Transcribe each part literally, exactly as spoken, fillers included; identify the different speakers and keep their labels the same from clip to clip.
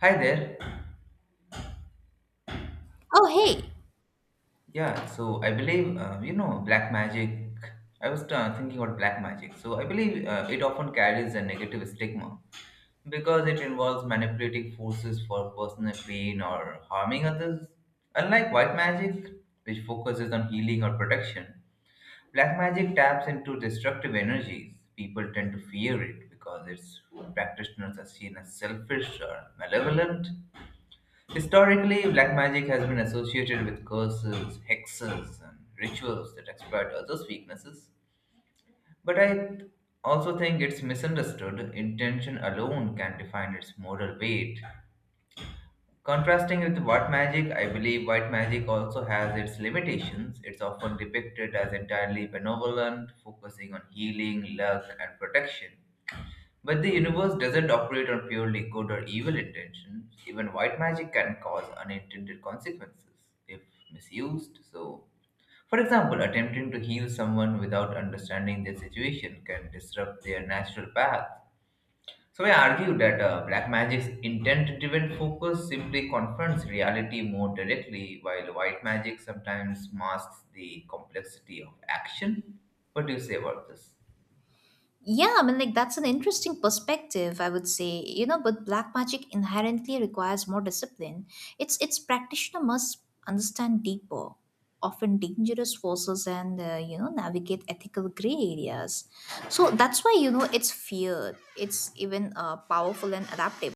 Speaker 1: Hi there.
Speaker 2: Oh, hey.
Speaker 1: Yeah, so I believe, uh, you know, black magic. I was uh, thinking about black magic. So I believe uh, it often carries a negative stigma because it involves manipulating forces for personal gain or harming others. Unlike white magic, which focuses on healing or protection, black magic taps into destructive energies. People tend to fear it because its practitioners are seen as selfish or malevolent. Historically, black magic has been associated with curses, hexes, and rituals that exploit others' weaknesses. But I also think it's misunderstood. Intention alone can define its moral weight. Contrasting with white magic, I believe white magic also has its limitations. It's often depicted as entirely benevolent, focusing on healing, luck, and protection. But the universe doesn't operate on purely good or evil intentions. Even white magic can cause unintended consequences if misused. So, for example, attempting to heal someone without understanding their situation can disrupt their natural path. So, I argue that uh, black magic's intent driven focus simply confronts reality more directly, while white magic sometimes masks the complexity of action. What do you say about this?
Speaker 2: Yeah, I mean, like, that's an interesting perspective, I would say. You know, but black magic inherently requires more discipline. It's its practitioner must understand deeper, often dangerous forces and, uh, you know, navigate ethical gray areas. So that's why, you know, it's feared. It's even uh, powerful and adaptable.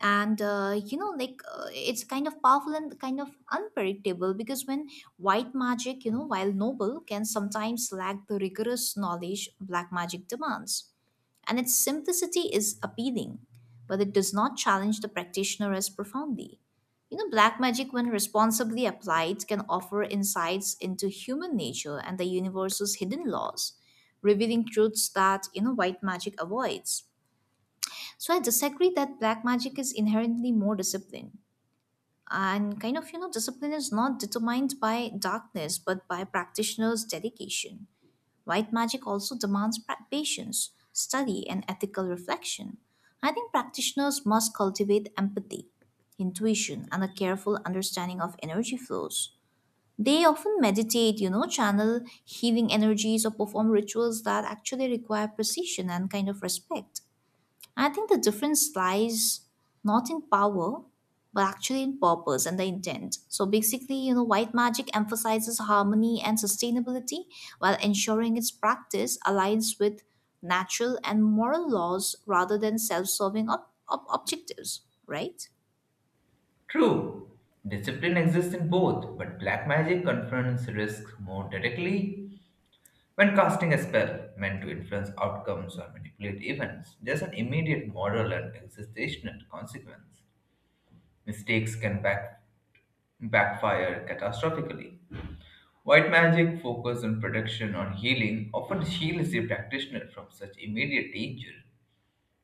Speaker 2: and uh, you know like uh, it's kind of powerful and kind of unpredictable because when white magic, you know, while noble, can sometimes lack the rigorous knowledge black magic demands, and its simplicity is appealing, but it does not challenge the practitioner as profoundly. You know, black magic, when responsibly applied, can offer insights into human nature and the universe's hidden laws, revealing truths that, you know, white magic avoids. So I disagree that black magic is inherently more disciplined. And kind of, you know, discipline is not determined by darkness, but by practitioners' dedication. White magic also demands pra- patience, study, and ethical reflection. I think practitioners must cultivate empathy, intuition, and a careful understanding of energy flows. They often meditate, you know, channel healing energies, or perform rituals that actually require precision and kind of respect. I think the difference lies not in power, but actually in purpose and the intent. So basically, you know, white magic emphasizes harmony and sustainability while ensuring its practice aligns with natural and moral laws rather than self serving ob- ob- objectives, right?
Speaker 1: True, discipline exists in both, but black magic confronts risks more directly. When casting a spell meant to influence outcomes or manipulate events, there's an immediate moral and existential consequence. Mistakes can back, backfire catastrophically. White magic, focused on protection or healing, often shields the practitioner from such immediate danger.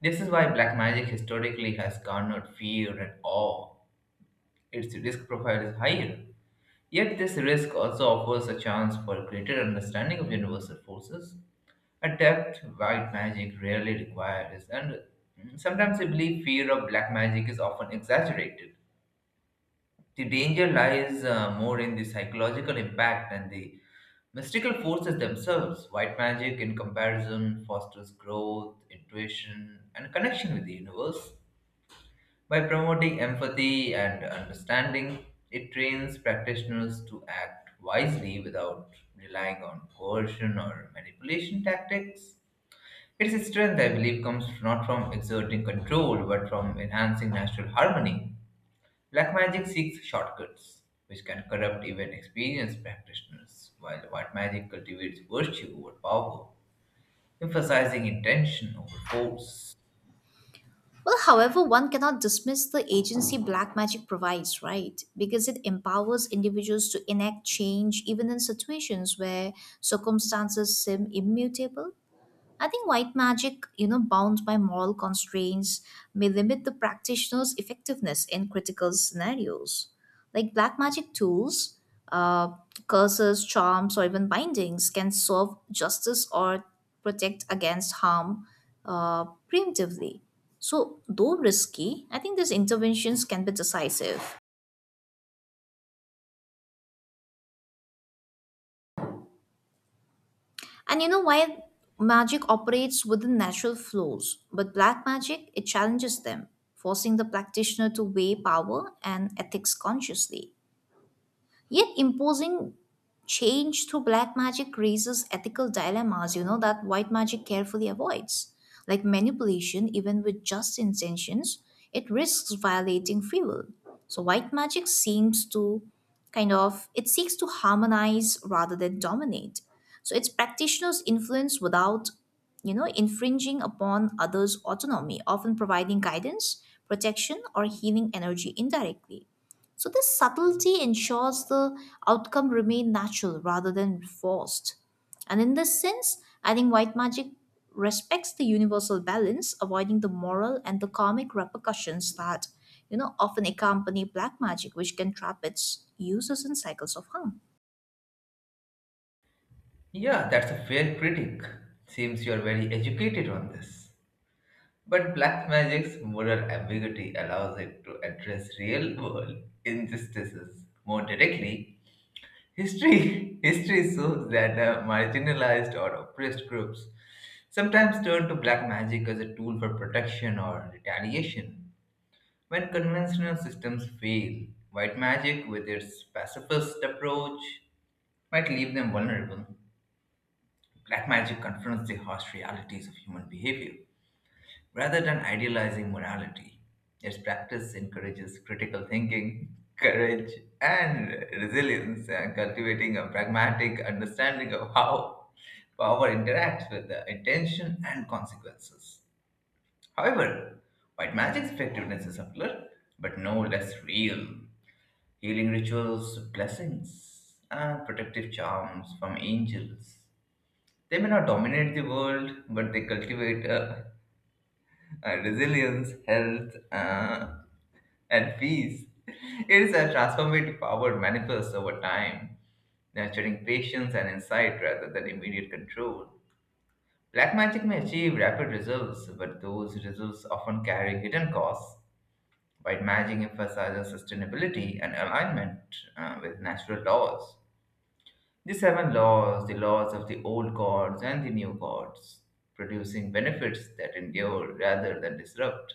Speaker 1: This is why black magic historically has garnered fear and awe. Its risk profile is higher. Yet this risk also offers a chance for a greater understanding of universal forces, a depth white magic rarely requires, and sometimes I believe fear of black magic is often exaggerated. The danger lies uh, more in the psychological impact than the mystical forces themselves. White magic, in comparison, fosters growth, intuition, and connection with the universe. By promoting empathy and understanding, it trains practitioners to act wisely without relying on coercion or manipulation tactics. Its strength, I believe, comes not from exerting control but from enhancing natural harmony. Black magic seeks shortcuts, which can corrupt even experienced practitioners, while white magic cultivates virtue over power, emphasizing intention over force.
Speaker 2: Well, however, one cannot dismiss the agency black magic provides, right? Because it empowers individuals to enact change even in situations where circumstances seem immutable. I think white magic, you know, bound by moral constraints, may limit the practitioner's effectiveness in critical scenarios. Like black magic tools, uh, curses, charms, or even bindings can serve justice or protect against harm, uh, preemptively. So, though risky, I think these interventions can be decisive. And you know, while magic operates within natural flows, but black magic, it challenges them, forcing the practitioner to weigh power and ethics consciously. Yet imposing change through black magic raises ethical dilemmas, you know, that white magic carefully avoids. Like manipulation, even with just intentions, it risks violating free will. So white magic seems to kind of it seeks to harmonize rather than dominate. So its practitioners influence without, you know, infringing upon others' autonomy, often providing guidance, protection, or healing energy indirectly. So this subtlety ensures the outcome remain natural rather than forced. And in this sense, I think white magic respects the universal balance, avoiding the moral and the karmic repercussions that, you know, often accompany black magic, which can trap its users in cycles of harm.
Speaker 1: Yeah, that's a fair critic. Seems you're very educated on this. But black magic's moral ambiguity allows it to address real world injustices more directly. History history shows that uh, marginalized or oppressed groups sometimes turn to black magic as a tool for protection or retaliation. When conventional systems fail, white magic, with its pacifist approach, might leave them vulnerable. Black magic confronts the harsh realities of human behavior rather than idealizing morality. Its practice encourages critical thinking, courage, and resilience, and cultivating a pragmatic understanding of how power interacts with the intention and consequences. However, white magic's effectiveness is subtler, but no less real. Healing rituals, blessings, and protective charms from angels, they may not dominate the world, but they cultivate uh, uh, resilience, health, uh, and peace. It is a transformative power manifest over time, nurturing patience and insight rather than immediate control. Black magic may achieve rapid results, but those results often carry hidden costs. White magic emphasizes sustainability and alignment uh, with natural laws. The seven laws, the laws of the old gods and the new gods, producing benefits that endure rather than disrupt.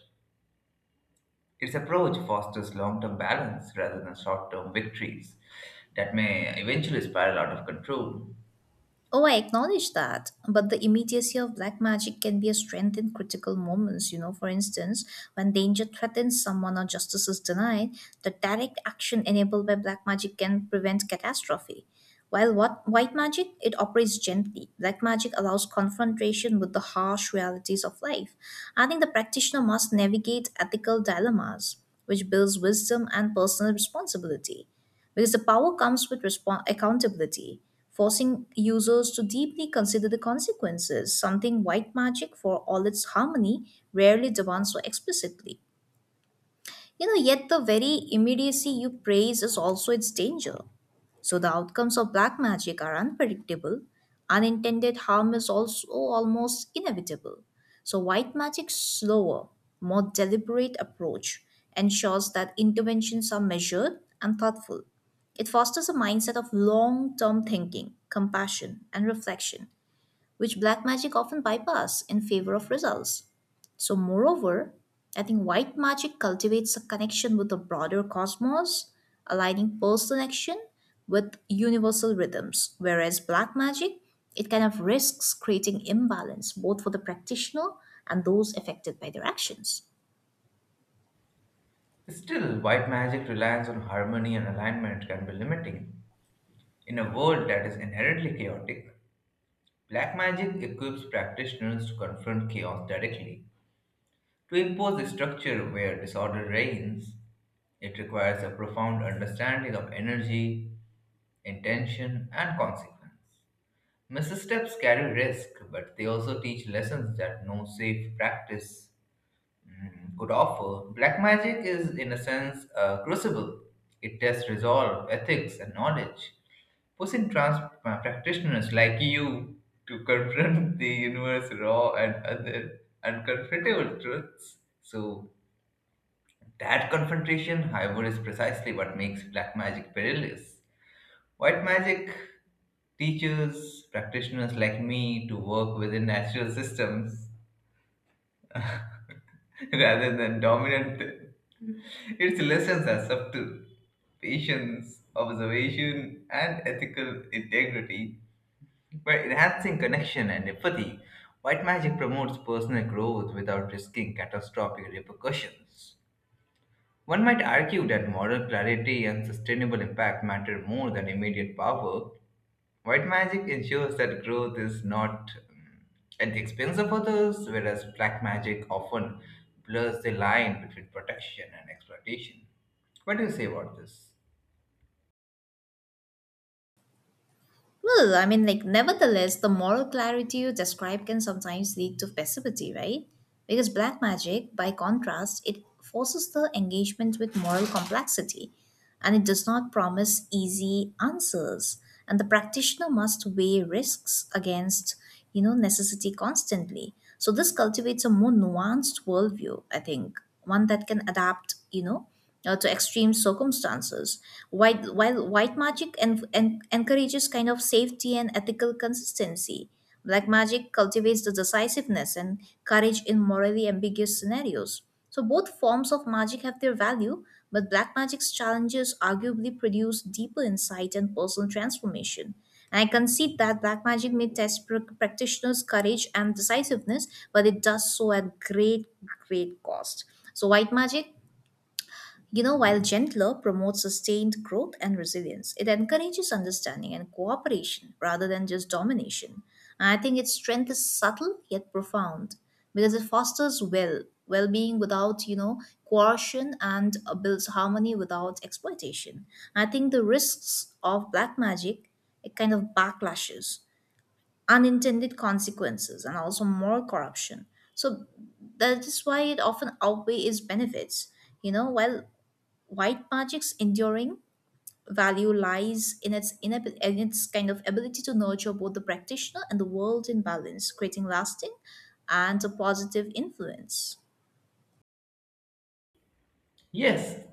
Speaker 1: Its approach fosters long term balance rather than short term victories that may eventually spiral out of control.
Speaker 2: Oh, I acknowledge that, but the immediacy of black magic can be a strength in critical moments. You know, for instance, when danger threatens someone or justice is denied, the direct action enabled by black magic can prevent catastrophe. While what white magic, it operates gently. Black magic allows confrontation with the harsh realities of life. I think the practitioner must navigate ethical dilemmas, which builds wisdom and personal responsibility because the power comes with respon accountability, forcing users to deeply consider the consequences, something white magic, for all its harmony, rarely demands so explicitly. You know, yet the very immediacy you praise is also its danger. So the outcomes of black magic are unpredictable. Unintended harm is also almost inevitable. So white magic's slower, more deliberate approach ensures that interventions are measured and thoughtful. It fosters a mindset of long term thinking, compassion, and reflection which black magic often bypass in favor of results. So, moreover, I think white magic cultivates a connection with the broader cosmos, aligning personal action with universal rhythms, whereas black magic it kind of risks creating imbalance both for the practitioner and those affected by their actions.
Speaker 1: Still, white magic reliance on harmony and alignment can be limiting. In a world that is inherently chaotic, black magic equips practitioners to confront chaos directly. To impose a structure where disorder reigns, it requires a profound understanding of energy, intention, and consequence. Missteps carry risk, but they also teach lessons that no safe practice mm, could offer. Black magic is, in a sense, a crucible. It tests resolve, ethics, and knowledge, pushing trans uh, practitioners like you to confront the universe raw and other uncomfortable truths. So, that confrontation, however, is precisely what makes black magic perilous. White magic teaches practitioners like me to work within natural systems rather than dominant. Its lessons are subtle patience, observation, and ethical integrity. By enhancing connection and empathy, white magic promotes personal growth without risking catastrophic repercussions. One might argue that moral clarity and sustainable impact matter more than immediate power. White magic ensures that growth is not um, at the expense of others, whereas black magic often blurs the line between protection and exploitation. What do you say about this?
Speaker 2: Well, I mean, like, nevertheless, the moral clarity you describe can sometimes lead to passivity, right? Because black magic, by contrast, it forces the engagement with moral complexity and it does not promise easy answers. And the practitioner must weigh risks against, you know, necessity constantly. So this cultivates a more nuanced worldview, I think, one that can adapt, you know, uh, to extreme circumstances. While, while white magic en- en- encourages kind of safety and ethical consistency, black magic cultivates the decisiveness and courage in morally ambiguous scenarios. So both forms of magic have their value, but black magic's challenges arguably produce deeper insight and personal transformation. And I concede that black magic may test pr- practitioners' courage and decisiveness, but it does so at great, great cost. So white magic, you know, while Gentler, promotes sustained growth and resilience. It encourages understanding and cooperation rather than just domination. And I think its strength is subtle yet profound because it fosters well well-being without, you know, coercion, and uh, builds harmony without exploitation. I think the risks of black magic, it kind of backlashes, unintended consequences, and also moral corruption. So that is why it often outweighs its benefits. You know, while white magic's enduring value lies in its inab- in its kind of ability to nurture both the practitioner and the world in balance, creating lasting and a positive influence.
Speaker 1: Yes,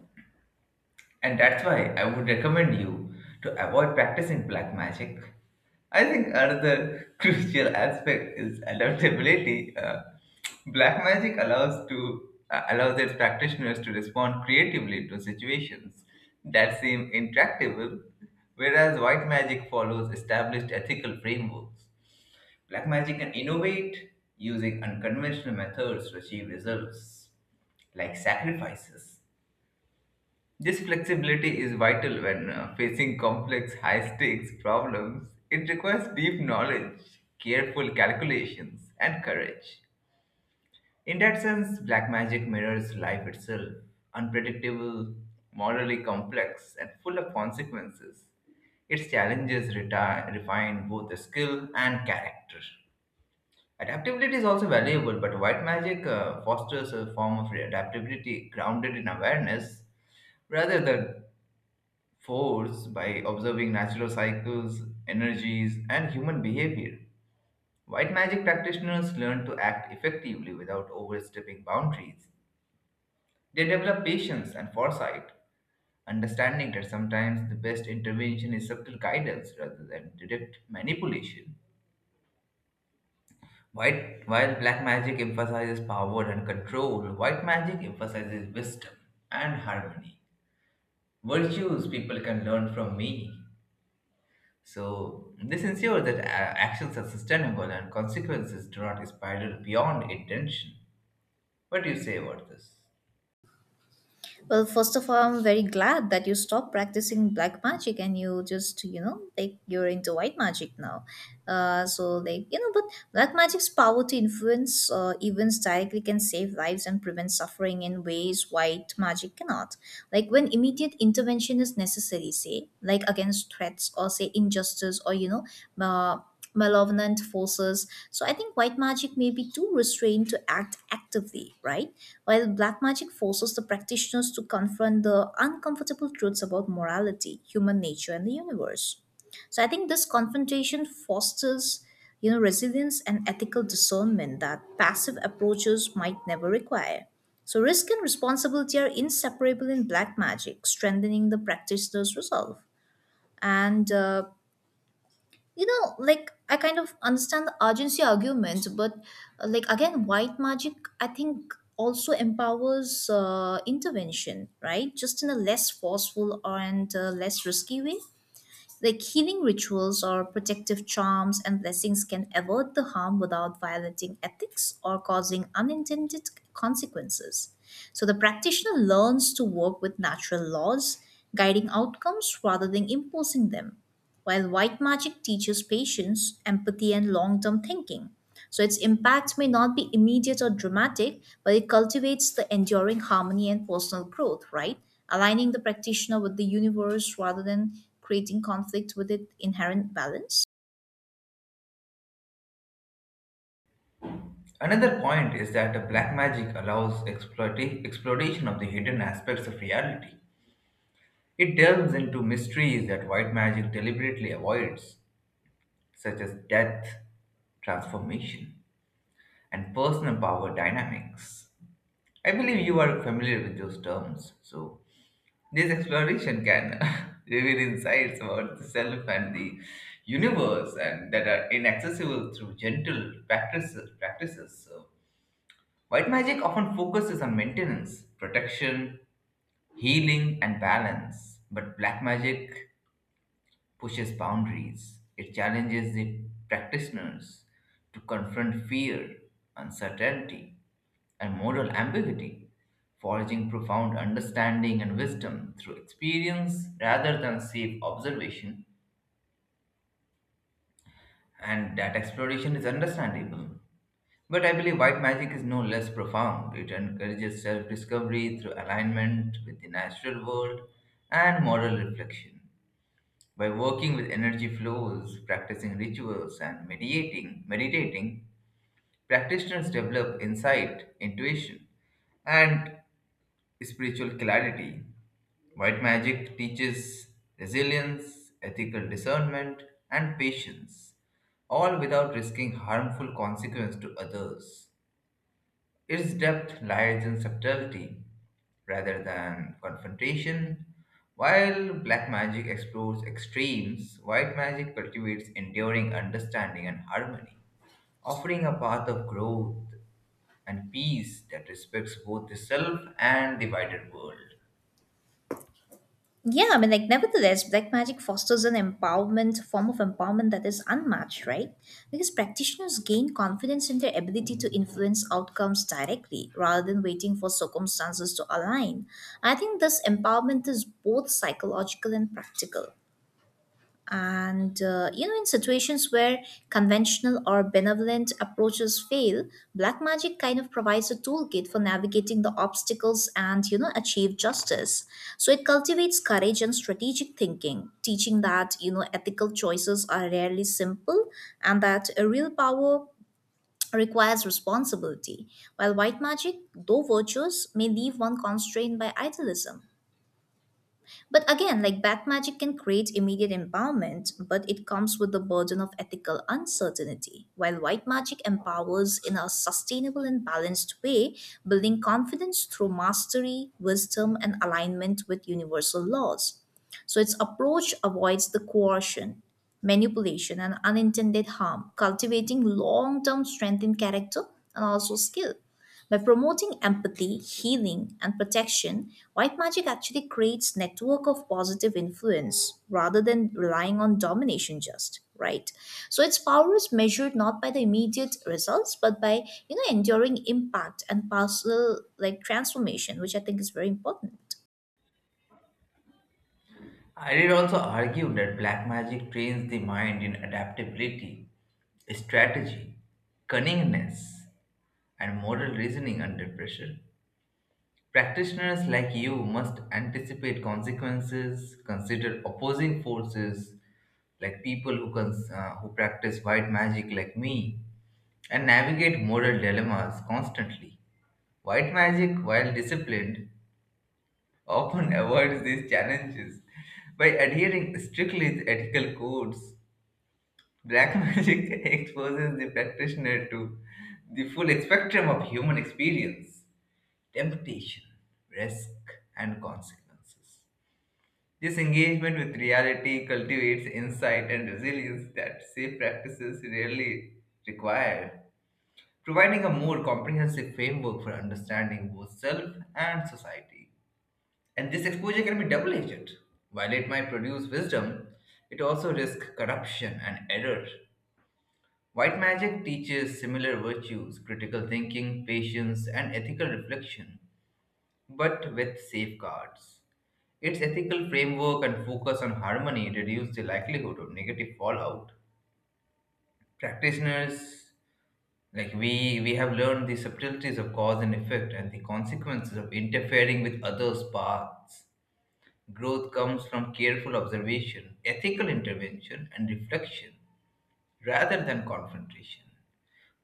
Speaker 1: and that's why I would recommend you to avoid practicing black magic. I think another crucial aspect is adaptability. Uh, black magic allows to uh, allows its practitioners to respond creatively to situations that seem intractable, whereas white magic follows established ethical frameworks. Black magic can innovate using unconventional methods to achieve results, like sacrifices. This flexibility is vital when uh, facing complex, high stakes problems. It requires deep knowledge, careful calculations, and courage. In that sense, black magic mirrors life itself, unpredictable, morally complex, and full of consequences. Its challenges reti- refine both the skill and character. Adaptability is also valuable, but white magic uh, fosters a form of adaptability grounded in awareness rather than force by observing natural cycles, energies, and human behavior. White magic practitioners learn to act effectively without overstepping boundaries. They develop patience and foresight, understanding that sometimes the best intervention is subtle guidance rather than direct manipulation. White, while black magic emphasizes power and control, white magic emphasizes wisdom and harmony. Virtues people can learn from me. So this ensures that uh, actions are sustainable and consequences do not spiral beyond intention. What do you say about this?
Speaker 2: Well, first of all, I'm very glad that you stopped practicing black magic and you just, you know, like you're into white magic now. Uh, so, like, you know, but black magic's power to influence uh, events directly can save lives and prevent suffering in ways white magic cannot. Like, when immediate intervention is necessary, say, like against threats or, say, injustice or, you know, uh, malevolent forces. So I think white magic may be too restrained to act actively, right? While black magic forces the practitioners to confront the uncomfortable truths about morality, human nature, and the universe. So I think this confrontation fosters, you know, resilience and ethical discernment that passive approaches might never require. So risk and responsibility are inseparable in black magic, strengthening the practitioner's resolve. And uh, you know, like, I kind of understand the urgency argument, but uh, like, again, white magic, I think, also empowers uh, intervention, right, just in a less forceful and uh, less risky way. Like healing rituals or protective charms and blessings can avert the harm without violating ethics or causing unintended consequences. So the practitioner learns to work with natural laws, guiding outcomes rather than imposing them, while white magic teaches patience, empathy, and long term thinking. So its impact may not be immediate or dramatic, but it cultivates the enduring harmony and personal growth, right? Aligning the practitioner with the universe rather than creating conflict with its inherent balance.
Speaker 1: Another point is that uh, black magic allows exploita- exploration of the hidden aspects of reality. It delves into mysteries that white magic deliberately avoids, such as death, transformation, and personal power dynamics. I believe you are familiar with those terms, so this exploration can reveal insights about the self and the universe and that are inaccessible through gentle practices. practices. So, white magic often focuses on maintenance, protection, healing, and balance, but black magic pushes boundaries. It challenges the practitioners to confront fear, uncertainty, and moral ambiguity, forging profound understanding and wisdom through experience rather than safe observation. And that exploration is understandable. But I believe white magic is no less profound. It encourages self discovery through alignment with the natural world and moral reflection. By working with energy flows, practicing rituals, and mediating, meditating, practitioners develop insight, intuition, and spiritual clarity. White magic teaches resilience, ethical discernment, and patience, all without risking harmful consequence to others. Its depth lies in subtlety rather than confrontation. While black magic explores extremes, white magic cultivates enduring understanding and harmony, offering a path of growth and peace that respects both the self and the wider world.
Speaker 2: Yeah, I mean, like, nevertheless, black magic fosters an empowerment, form of empowerment that is unmatched, right? Because practitioners gain confidence in their ability to influence outcomes directly rather than waiting for circumstances to align. I think this empowerment is both psychological and practical. And uh, you know, in situations where conventional or benevolent approaches fail, black magic kind of provides a toolkit for navigating the obstacles and, you know, achieve justice. So it cultivates courage and strategic thinking, teaching that, you know, ethical choices are rarely simple and that a real power requires responsibility. While white magic, though virtuous, may leave one constrained by idealism. But again, like, black magic can create immediate empowerment, but it comes with the burden of ethical uncertainty, while white magic empowers in a sustainable and balanced way, building confidence through mastery, wisdom, and alignment with universal laws. So its approach avoids the coercion, manipulation, and unintended harm, cultivating long term strength in character and also skill. By promoting empathy, healing, and protection, white magic actually creates network of positive influence rather than relying on domination just, right? So its power is measured not by the immediate results but by, you know, enduring impact and partial like transformation, which I think is very important.
Speaker 1: I did also argue that black magic trains the mind in adaptability, strategy, cunningness, and moral reasoning under pressure. Practitioners like you must anticipate consequences, consider opposing forces like people who, cons- uh, who practice white magic like me, and navigate moral dilemmas constantly. White magic, while disciplined, often avoids these challenges by adhering strictly to ethical codes. Black magic exposes the practitioner to the full spectrum of human experience, temptation, risk, and consequences. This engagement with reality cultivates insight and resilience that safe practices rarely require, providing a more comprehensive framework for understanding both self and society. And this exposure can be double edged. While it might produce wisdom, it also risks corruption and error. White magic teaches similar virtues critical thinking, patience, and ethical reflection, but with safeguards. Its ethical framework and focus on harmony reduce the likelihood of negative fallout. Practitioners like we we have learned the subtleties of cause and effect and the consequences of interfering with others' paths. Growth comes from careful observation, ethical intervention, and reflection rather than confrontation.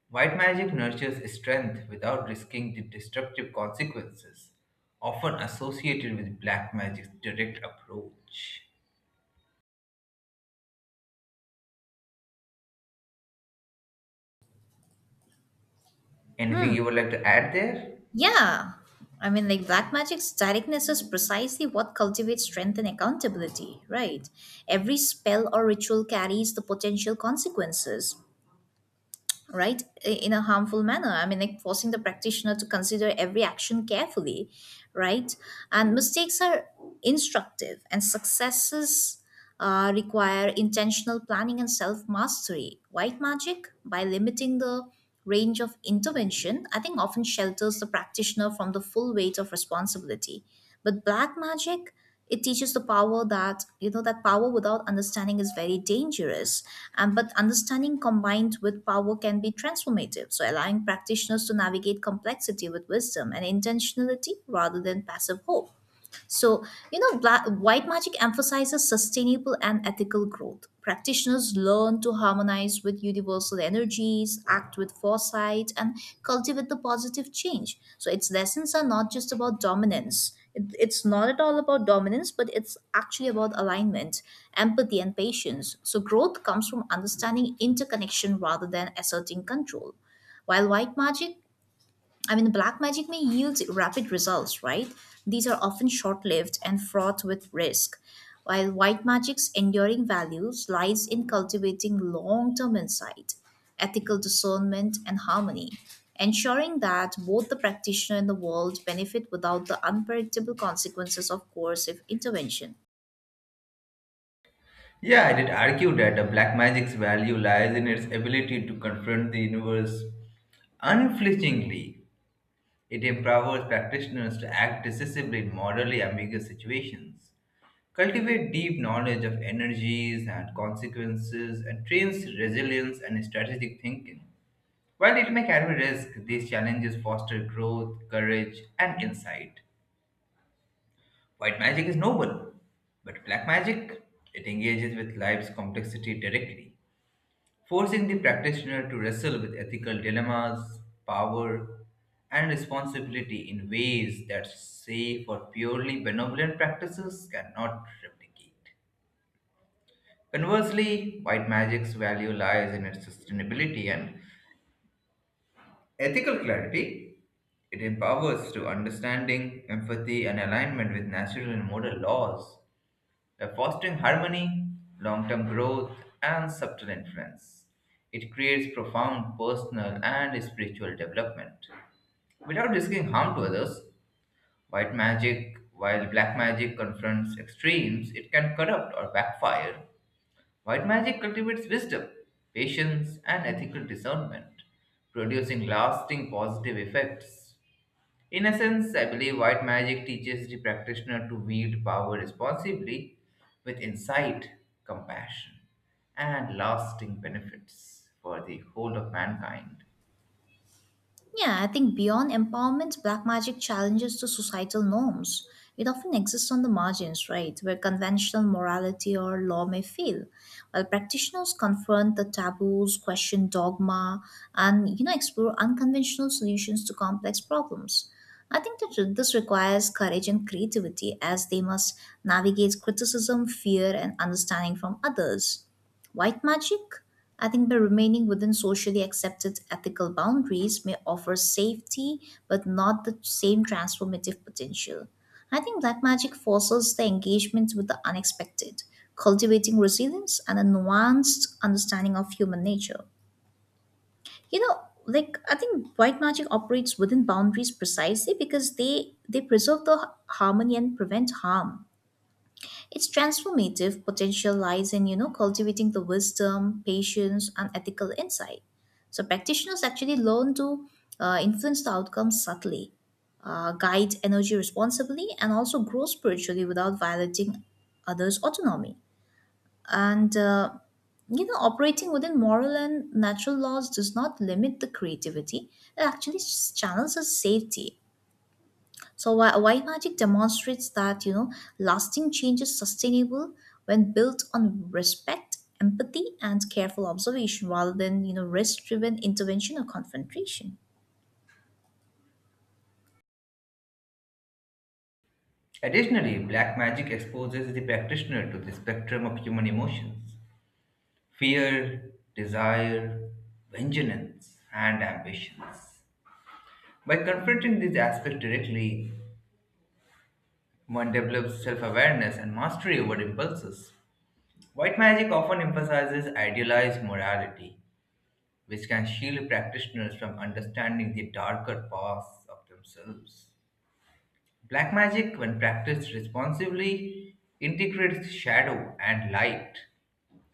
Speaker 1: White magic nurtures strength without risking the destructive consequences often associated with black magic's direct approach. Anything you would like to add there?
Speaker 2: Yeah. I mean, like, black magic's directness is precisely what cultivates strength and accountability, right? Every spell or ritual carries the potential consequences, right, i- in a harmful manner. I mean, like, forcing the practitioner to consider every action carefully, right? And mistakes are instructive, and successes uh, require intentional planning and self mastery. White magic, by limiting the range of intervention, I think, often shelters the practitioner from the full weight of responsibility. But black magic, it teaches the power that, you know, that power without understanding is very dangerous, and but understanding combined with power can be transformative, so allowing practitioners to navigate complexity with wisdom and intentionality rather than passive hope. So, you know, bla- white magic emphasizes sustainable and ethical growth. Practitioners learn to harmonize with universal energies, act with foresight, and cultivate the positive change. So, its lessons are not just about dominance. It- It's not at all about dominance, but it's actually about alignment, empathy, and patience. So, growth comes from understanding interconnection rather than asserting control. While white magic, I mean, the black magic may yield rapid results, right? These are often short lived and fraught with risk, while white magic's enduring values lies in cultivating long term insight, ethical discernment, and harmony, ensuring that both the practitioner and the world benefit without the unpredictable consequences of coercive intervention.
Speaker 1: Yeah, I did argue that the black magic's value lies in its ability to confront the universe unflinchingly. It empowers practitioners to act decisively in morally ambiguous situations, cultivate deep knowledge of energies and consequences, and trains resilience and strategic thinking. While it may carry risk, these challenges foster growth, courage, and insight. White magic is noble, but black magic, it engages with life's complexity directly, forcing the practitioner to wrestle with ethical dilemmas, power, and responsibility in ways that say for purely benevolent practices cannot replicate. Conversely, white magic's value lies in its sustainability and ethical clarity. It empowers to understanding, empathy, and alignment with natural and moral laws by fostering harmony, long term growth, and subtle influence. It creates profound personal and spiritual development without risking harm to others. White magic, while black magic confronts extremes, it can corrupt or backfire. White magic cultivates wisdom, patience, and ethical discernment, producing lasting positive effects. In essence, I believe white magic teaches the practitioner to wield power responsibly with insight, compassion, and lasting benefits for the whole of mankind.
Speaker 2: Yeah, I think beyond empowerment, black magic challenges to societal norms. It often exists on the margins, right, where conventional morality or law may fail. While practitioners confront the taboos, question dogma, and you know explore unconventional solutions to complex problems. I think that this requires courage and creativity as they must navigate criticism, fear, and understanding from others. White magic? I think by remaining within socially accepted ethical boundaries may offer safety but not the same transformative potential. I think black magic fosters the engagement with the unexpected, cultivating resilience and a nuanced understanding of human nature. You know, like, I think white magic operates within boundaries precisely because they they preserve the harmony and prevent harm. Its transformative potential lies in, you know, cultivating the wisdom, patience, and ethical insight. So practitioners actually learn to uh, influence the outcomes subtly, uh, guide energy responsibly, and also grow spiritually without violating others' autonomy. And uh, you know, Operating within moral and natural laws does not limit the creativity; it actually channels its safety. So why, why magic demonstrates that you know lasting change is sustainable when built on respect, empathy, and careful observation rather than you know risk-driven intervention or confrontation.
Speaker 1: Additionally, black magic exposes the practitioner to the spectrum of human emotions, fear, desire, vengeance, and ambitions. By confronting these aspects directly, one develops self awareness and mastery over impulses. White magic often emphasizes idealized morality, which can shield practitioners from understanding the darker paths of themselves. Black magic, when practiced responsibly, integrates shadow and light,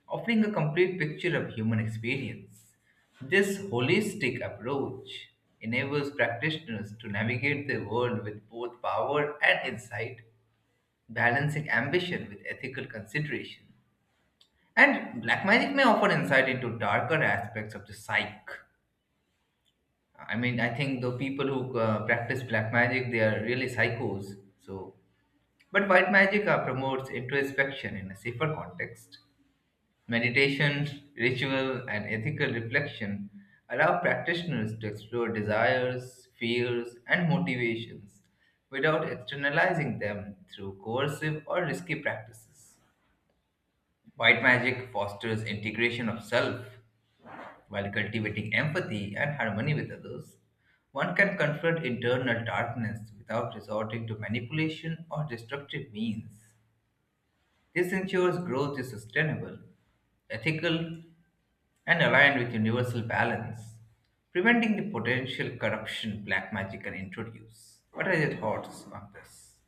Speaker 1: offering a complete picture of human experience. This holistic approach enables practitioners to navigate the world with both power and insight, balancing ambition with ethical consideration. And black magic may offer insight into darker aspects of the psyche. I mean, I think the people who uh, practice black magic, they are really psychos. So, but white magic uh, promotes introspection in a safer context. Meditation, ritual, and ethical reflection allow practitioners to explore desires, fears, and motivations without externalizing them through coercive or risky practices. White magic fosters integration of self. While cultivating empathy and harmony with others, one can confront internal darkness without resorting to manipulation or destructive means. This ensures growth is sustainable, ethical, and aligned with universal balance, preventing the potential corruption black magic can introduce. What are your thoughts on this?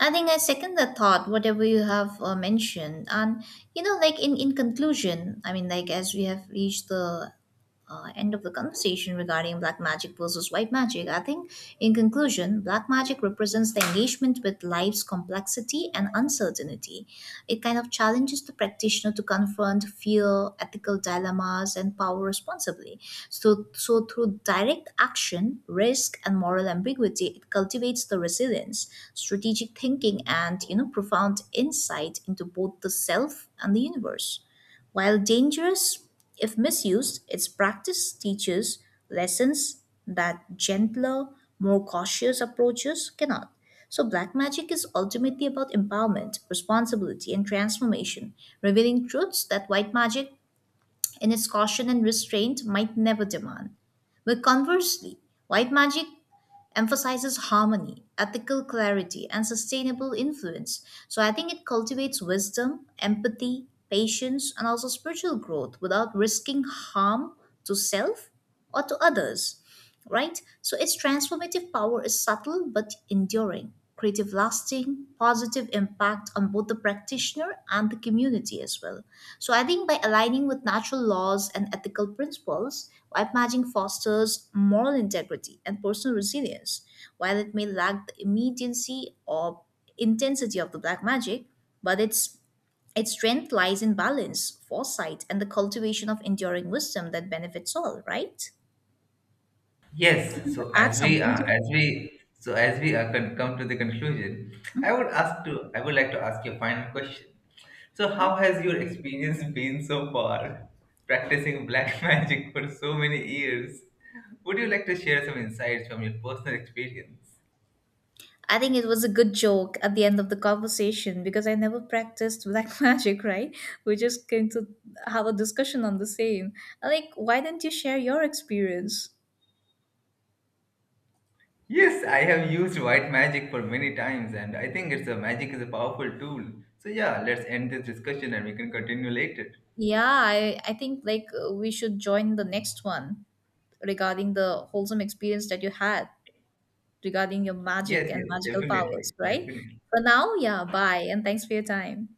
Speaker 2: I think I second the thought, whatever you have uh, mentioned, and you know, like, in in conclusion, I mean, like, as we have reached the uh, end of the conversation regarding black magic versus white magic. I think, in conclusion, black magic represents the engagement with life's complexity and uncertainty. It kind of challenges the practitioner to confront fear, ethical dilemmas, and power responsibly. So, so through direct action, risk, and moral ambiguity, it cultivates the resilience, strategic thinking, and you know profound insight into both the self and the universe. While dangerous, if misused, its practice teaches lessons that gentler, more cautious approaches cannot. So, black magic is ultimately about empowerment, responsibility, and transformation, revealing truths that white magic, in its caution and restraint, might never demand. But conversely, white magic emphasizes harmony, ethical clarity, and sustainable influence. So I think it cultivates wisdom, empathy, patience, and also spiritual growth without risking harm to self or to others, right? So its transformative power is subtle but enduring, creative lasting, positive impact on both the practitioner and the community as well. So I think by aligning with natural laws and ethical principles, white magic fosters moral integrity and personal resilience. While it may lack the immediacy or intensity of the black magic, but its its strength lies in balance, foresight, and the cultivation of enduring wisdom that benefits all, right?
Speaker 1: Yes.
Speaker 2: Want to
Speaker 1: So
Speaker 2: add
Speaker 1: as we
Speaker 2: something to
Speaker 1: uh, as
Speaker 2: it?
Speaker 1: we so as we uh, con- come to the conclusion, I
Speaker 2: Mhm.
Speaker 1: would ask to I would like to ask you a final question. So how has your experience been so far practicing black magic for so many years? Would you like to share some insights from your personal experience?
Speaker 2: I think it was a good joke at the end of the conversation because I never practiced black magic, right? We're just going to have a discussion on the same. Like, why didn't you share your experience?
Speaker 1: Yes, I have used white magic for many times, and I think it's a magic is a powerful tool. So yeah, let's end this discussion and we can continue later.
Speaker 2: Yeah, I, I think like uh, we should join the next one regarding the wholesome experience that you had regarding your magic
Speaker 1: Yes,
Speaker 2: and
Speaker 1: yes,
Speaker 2: magical powers,
Speaker 1: definitely,
Speaker 2: right?
Speaker 1: definitely.
Speaker 2: For now, yeah, bye and thanks for your time.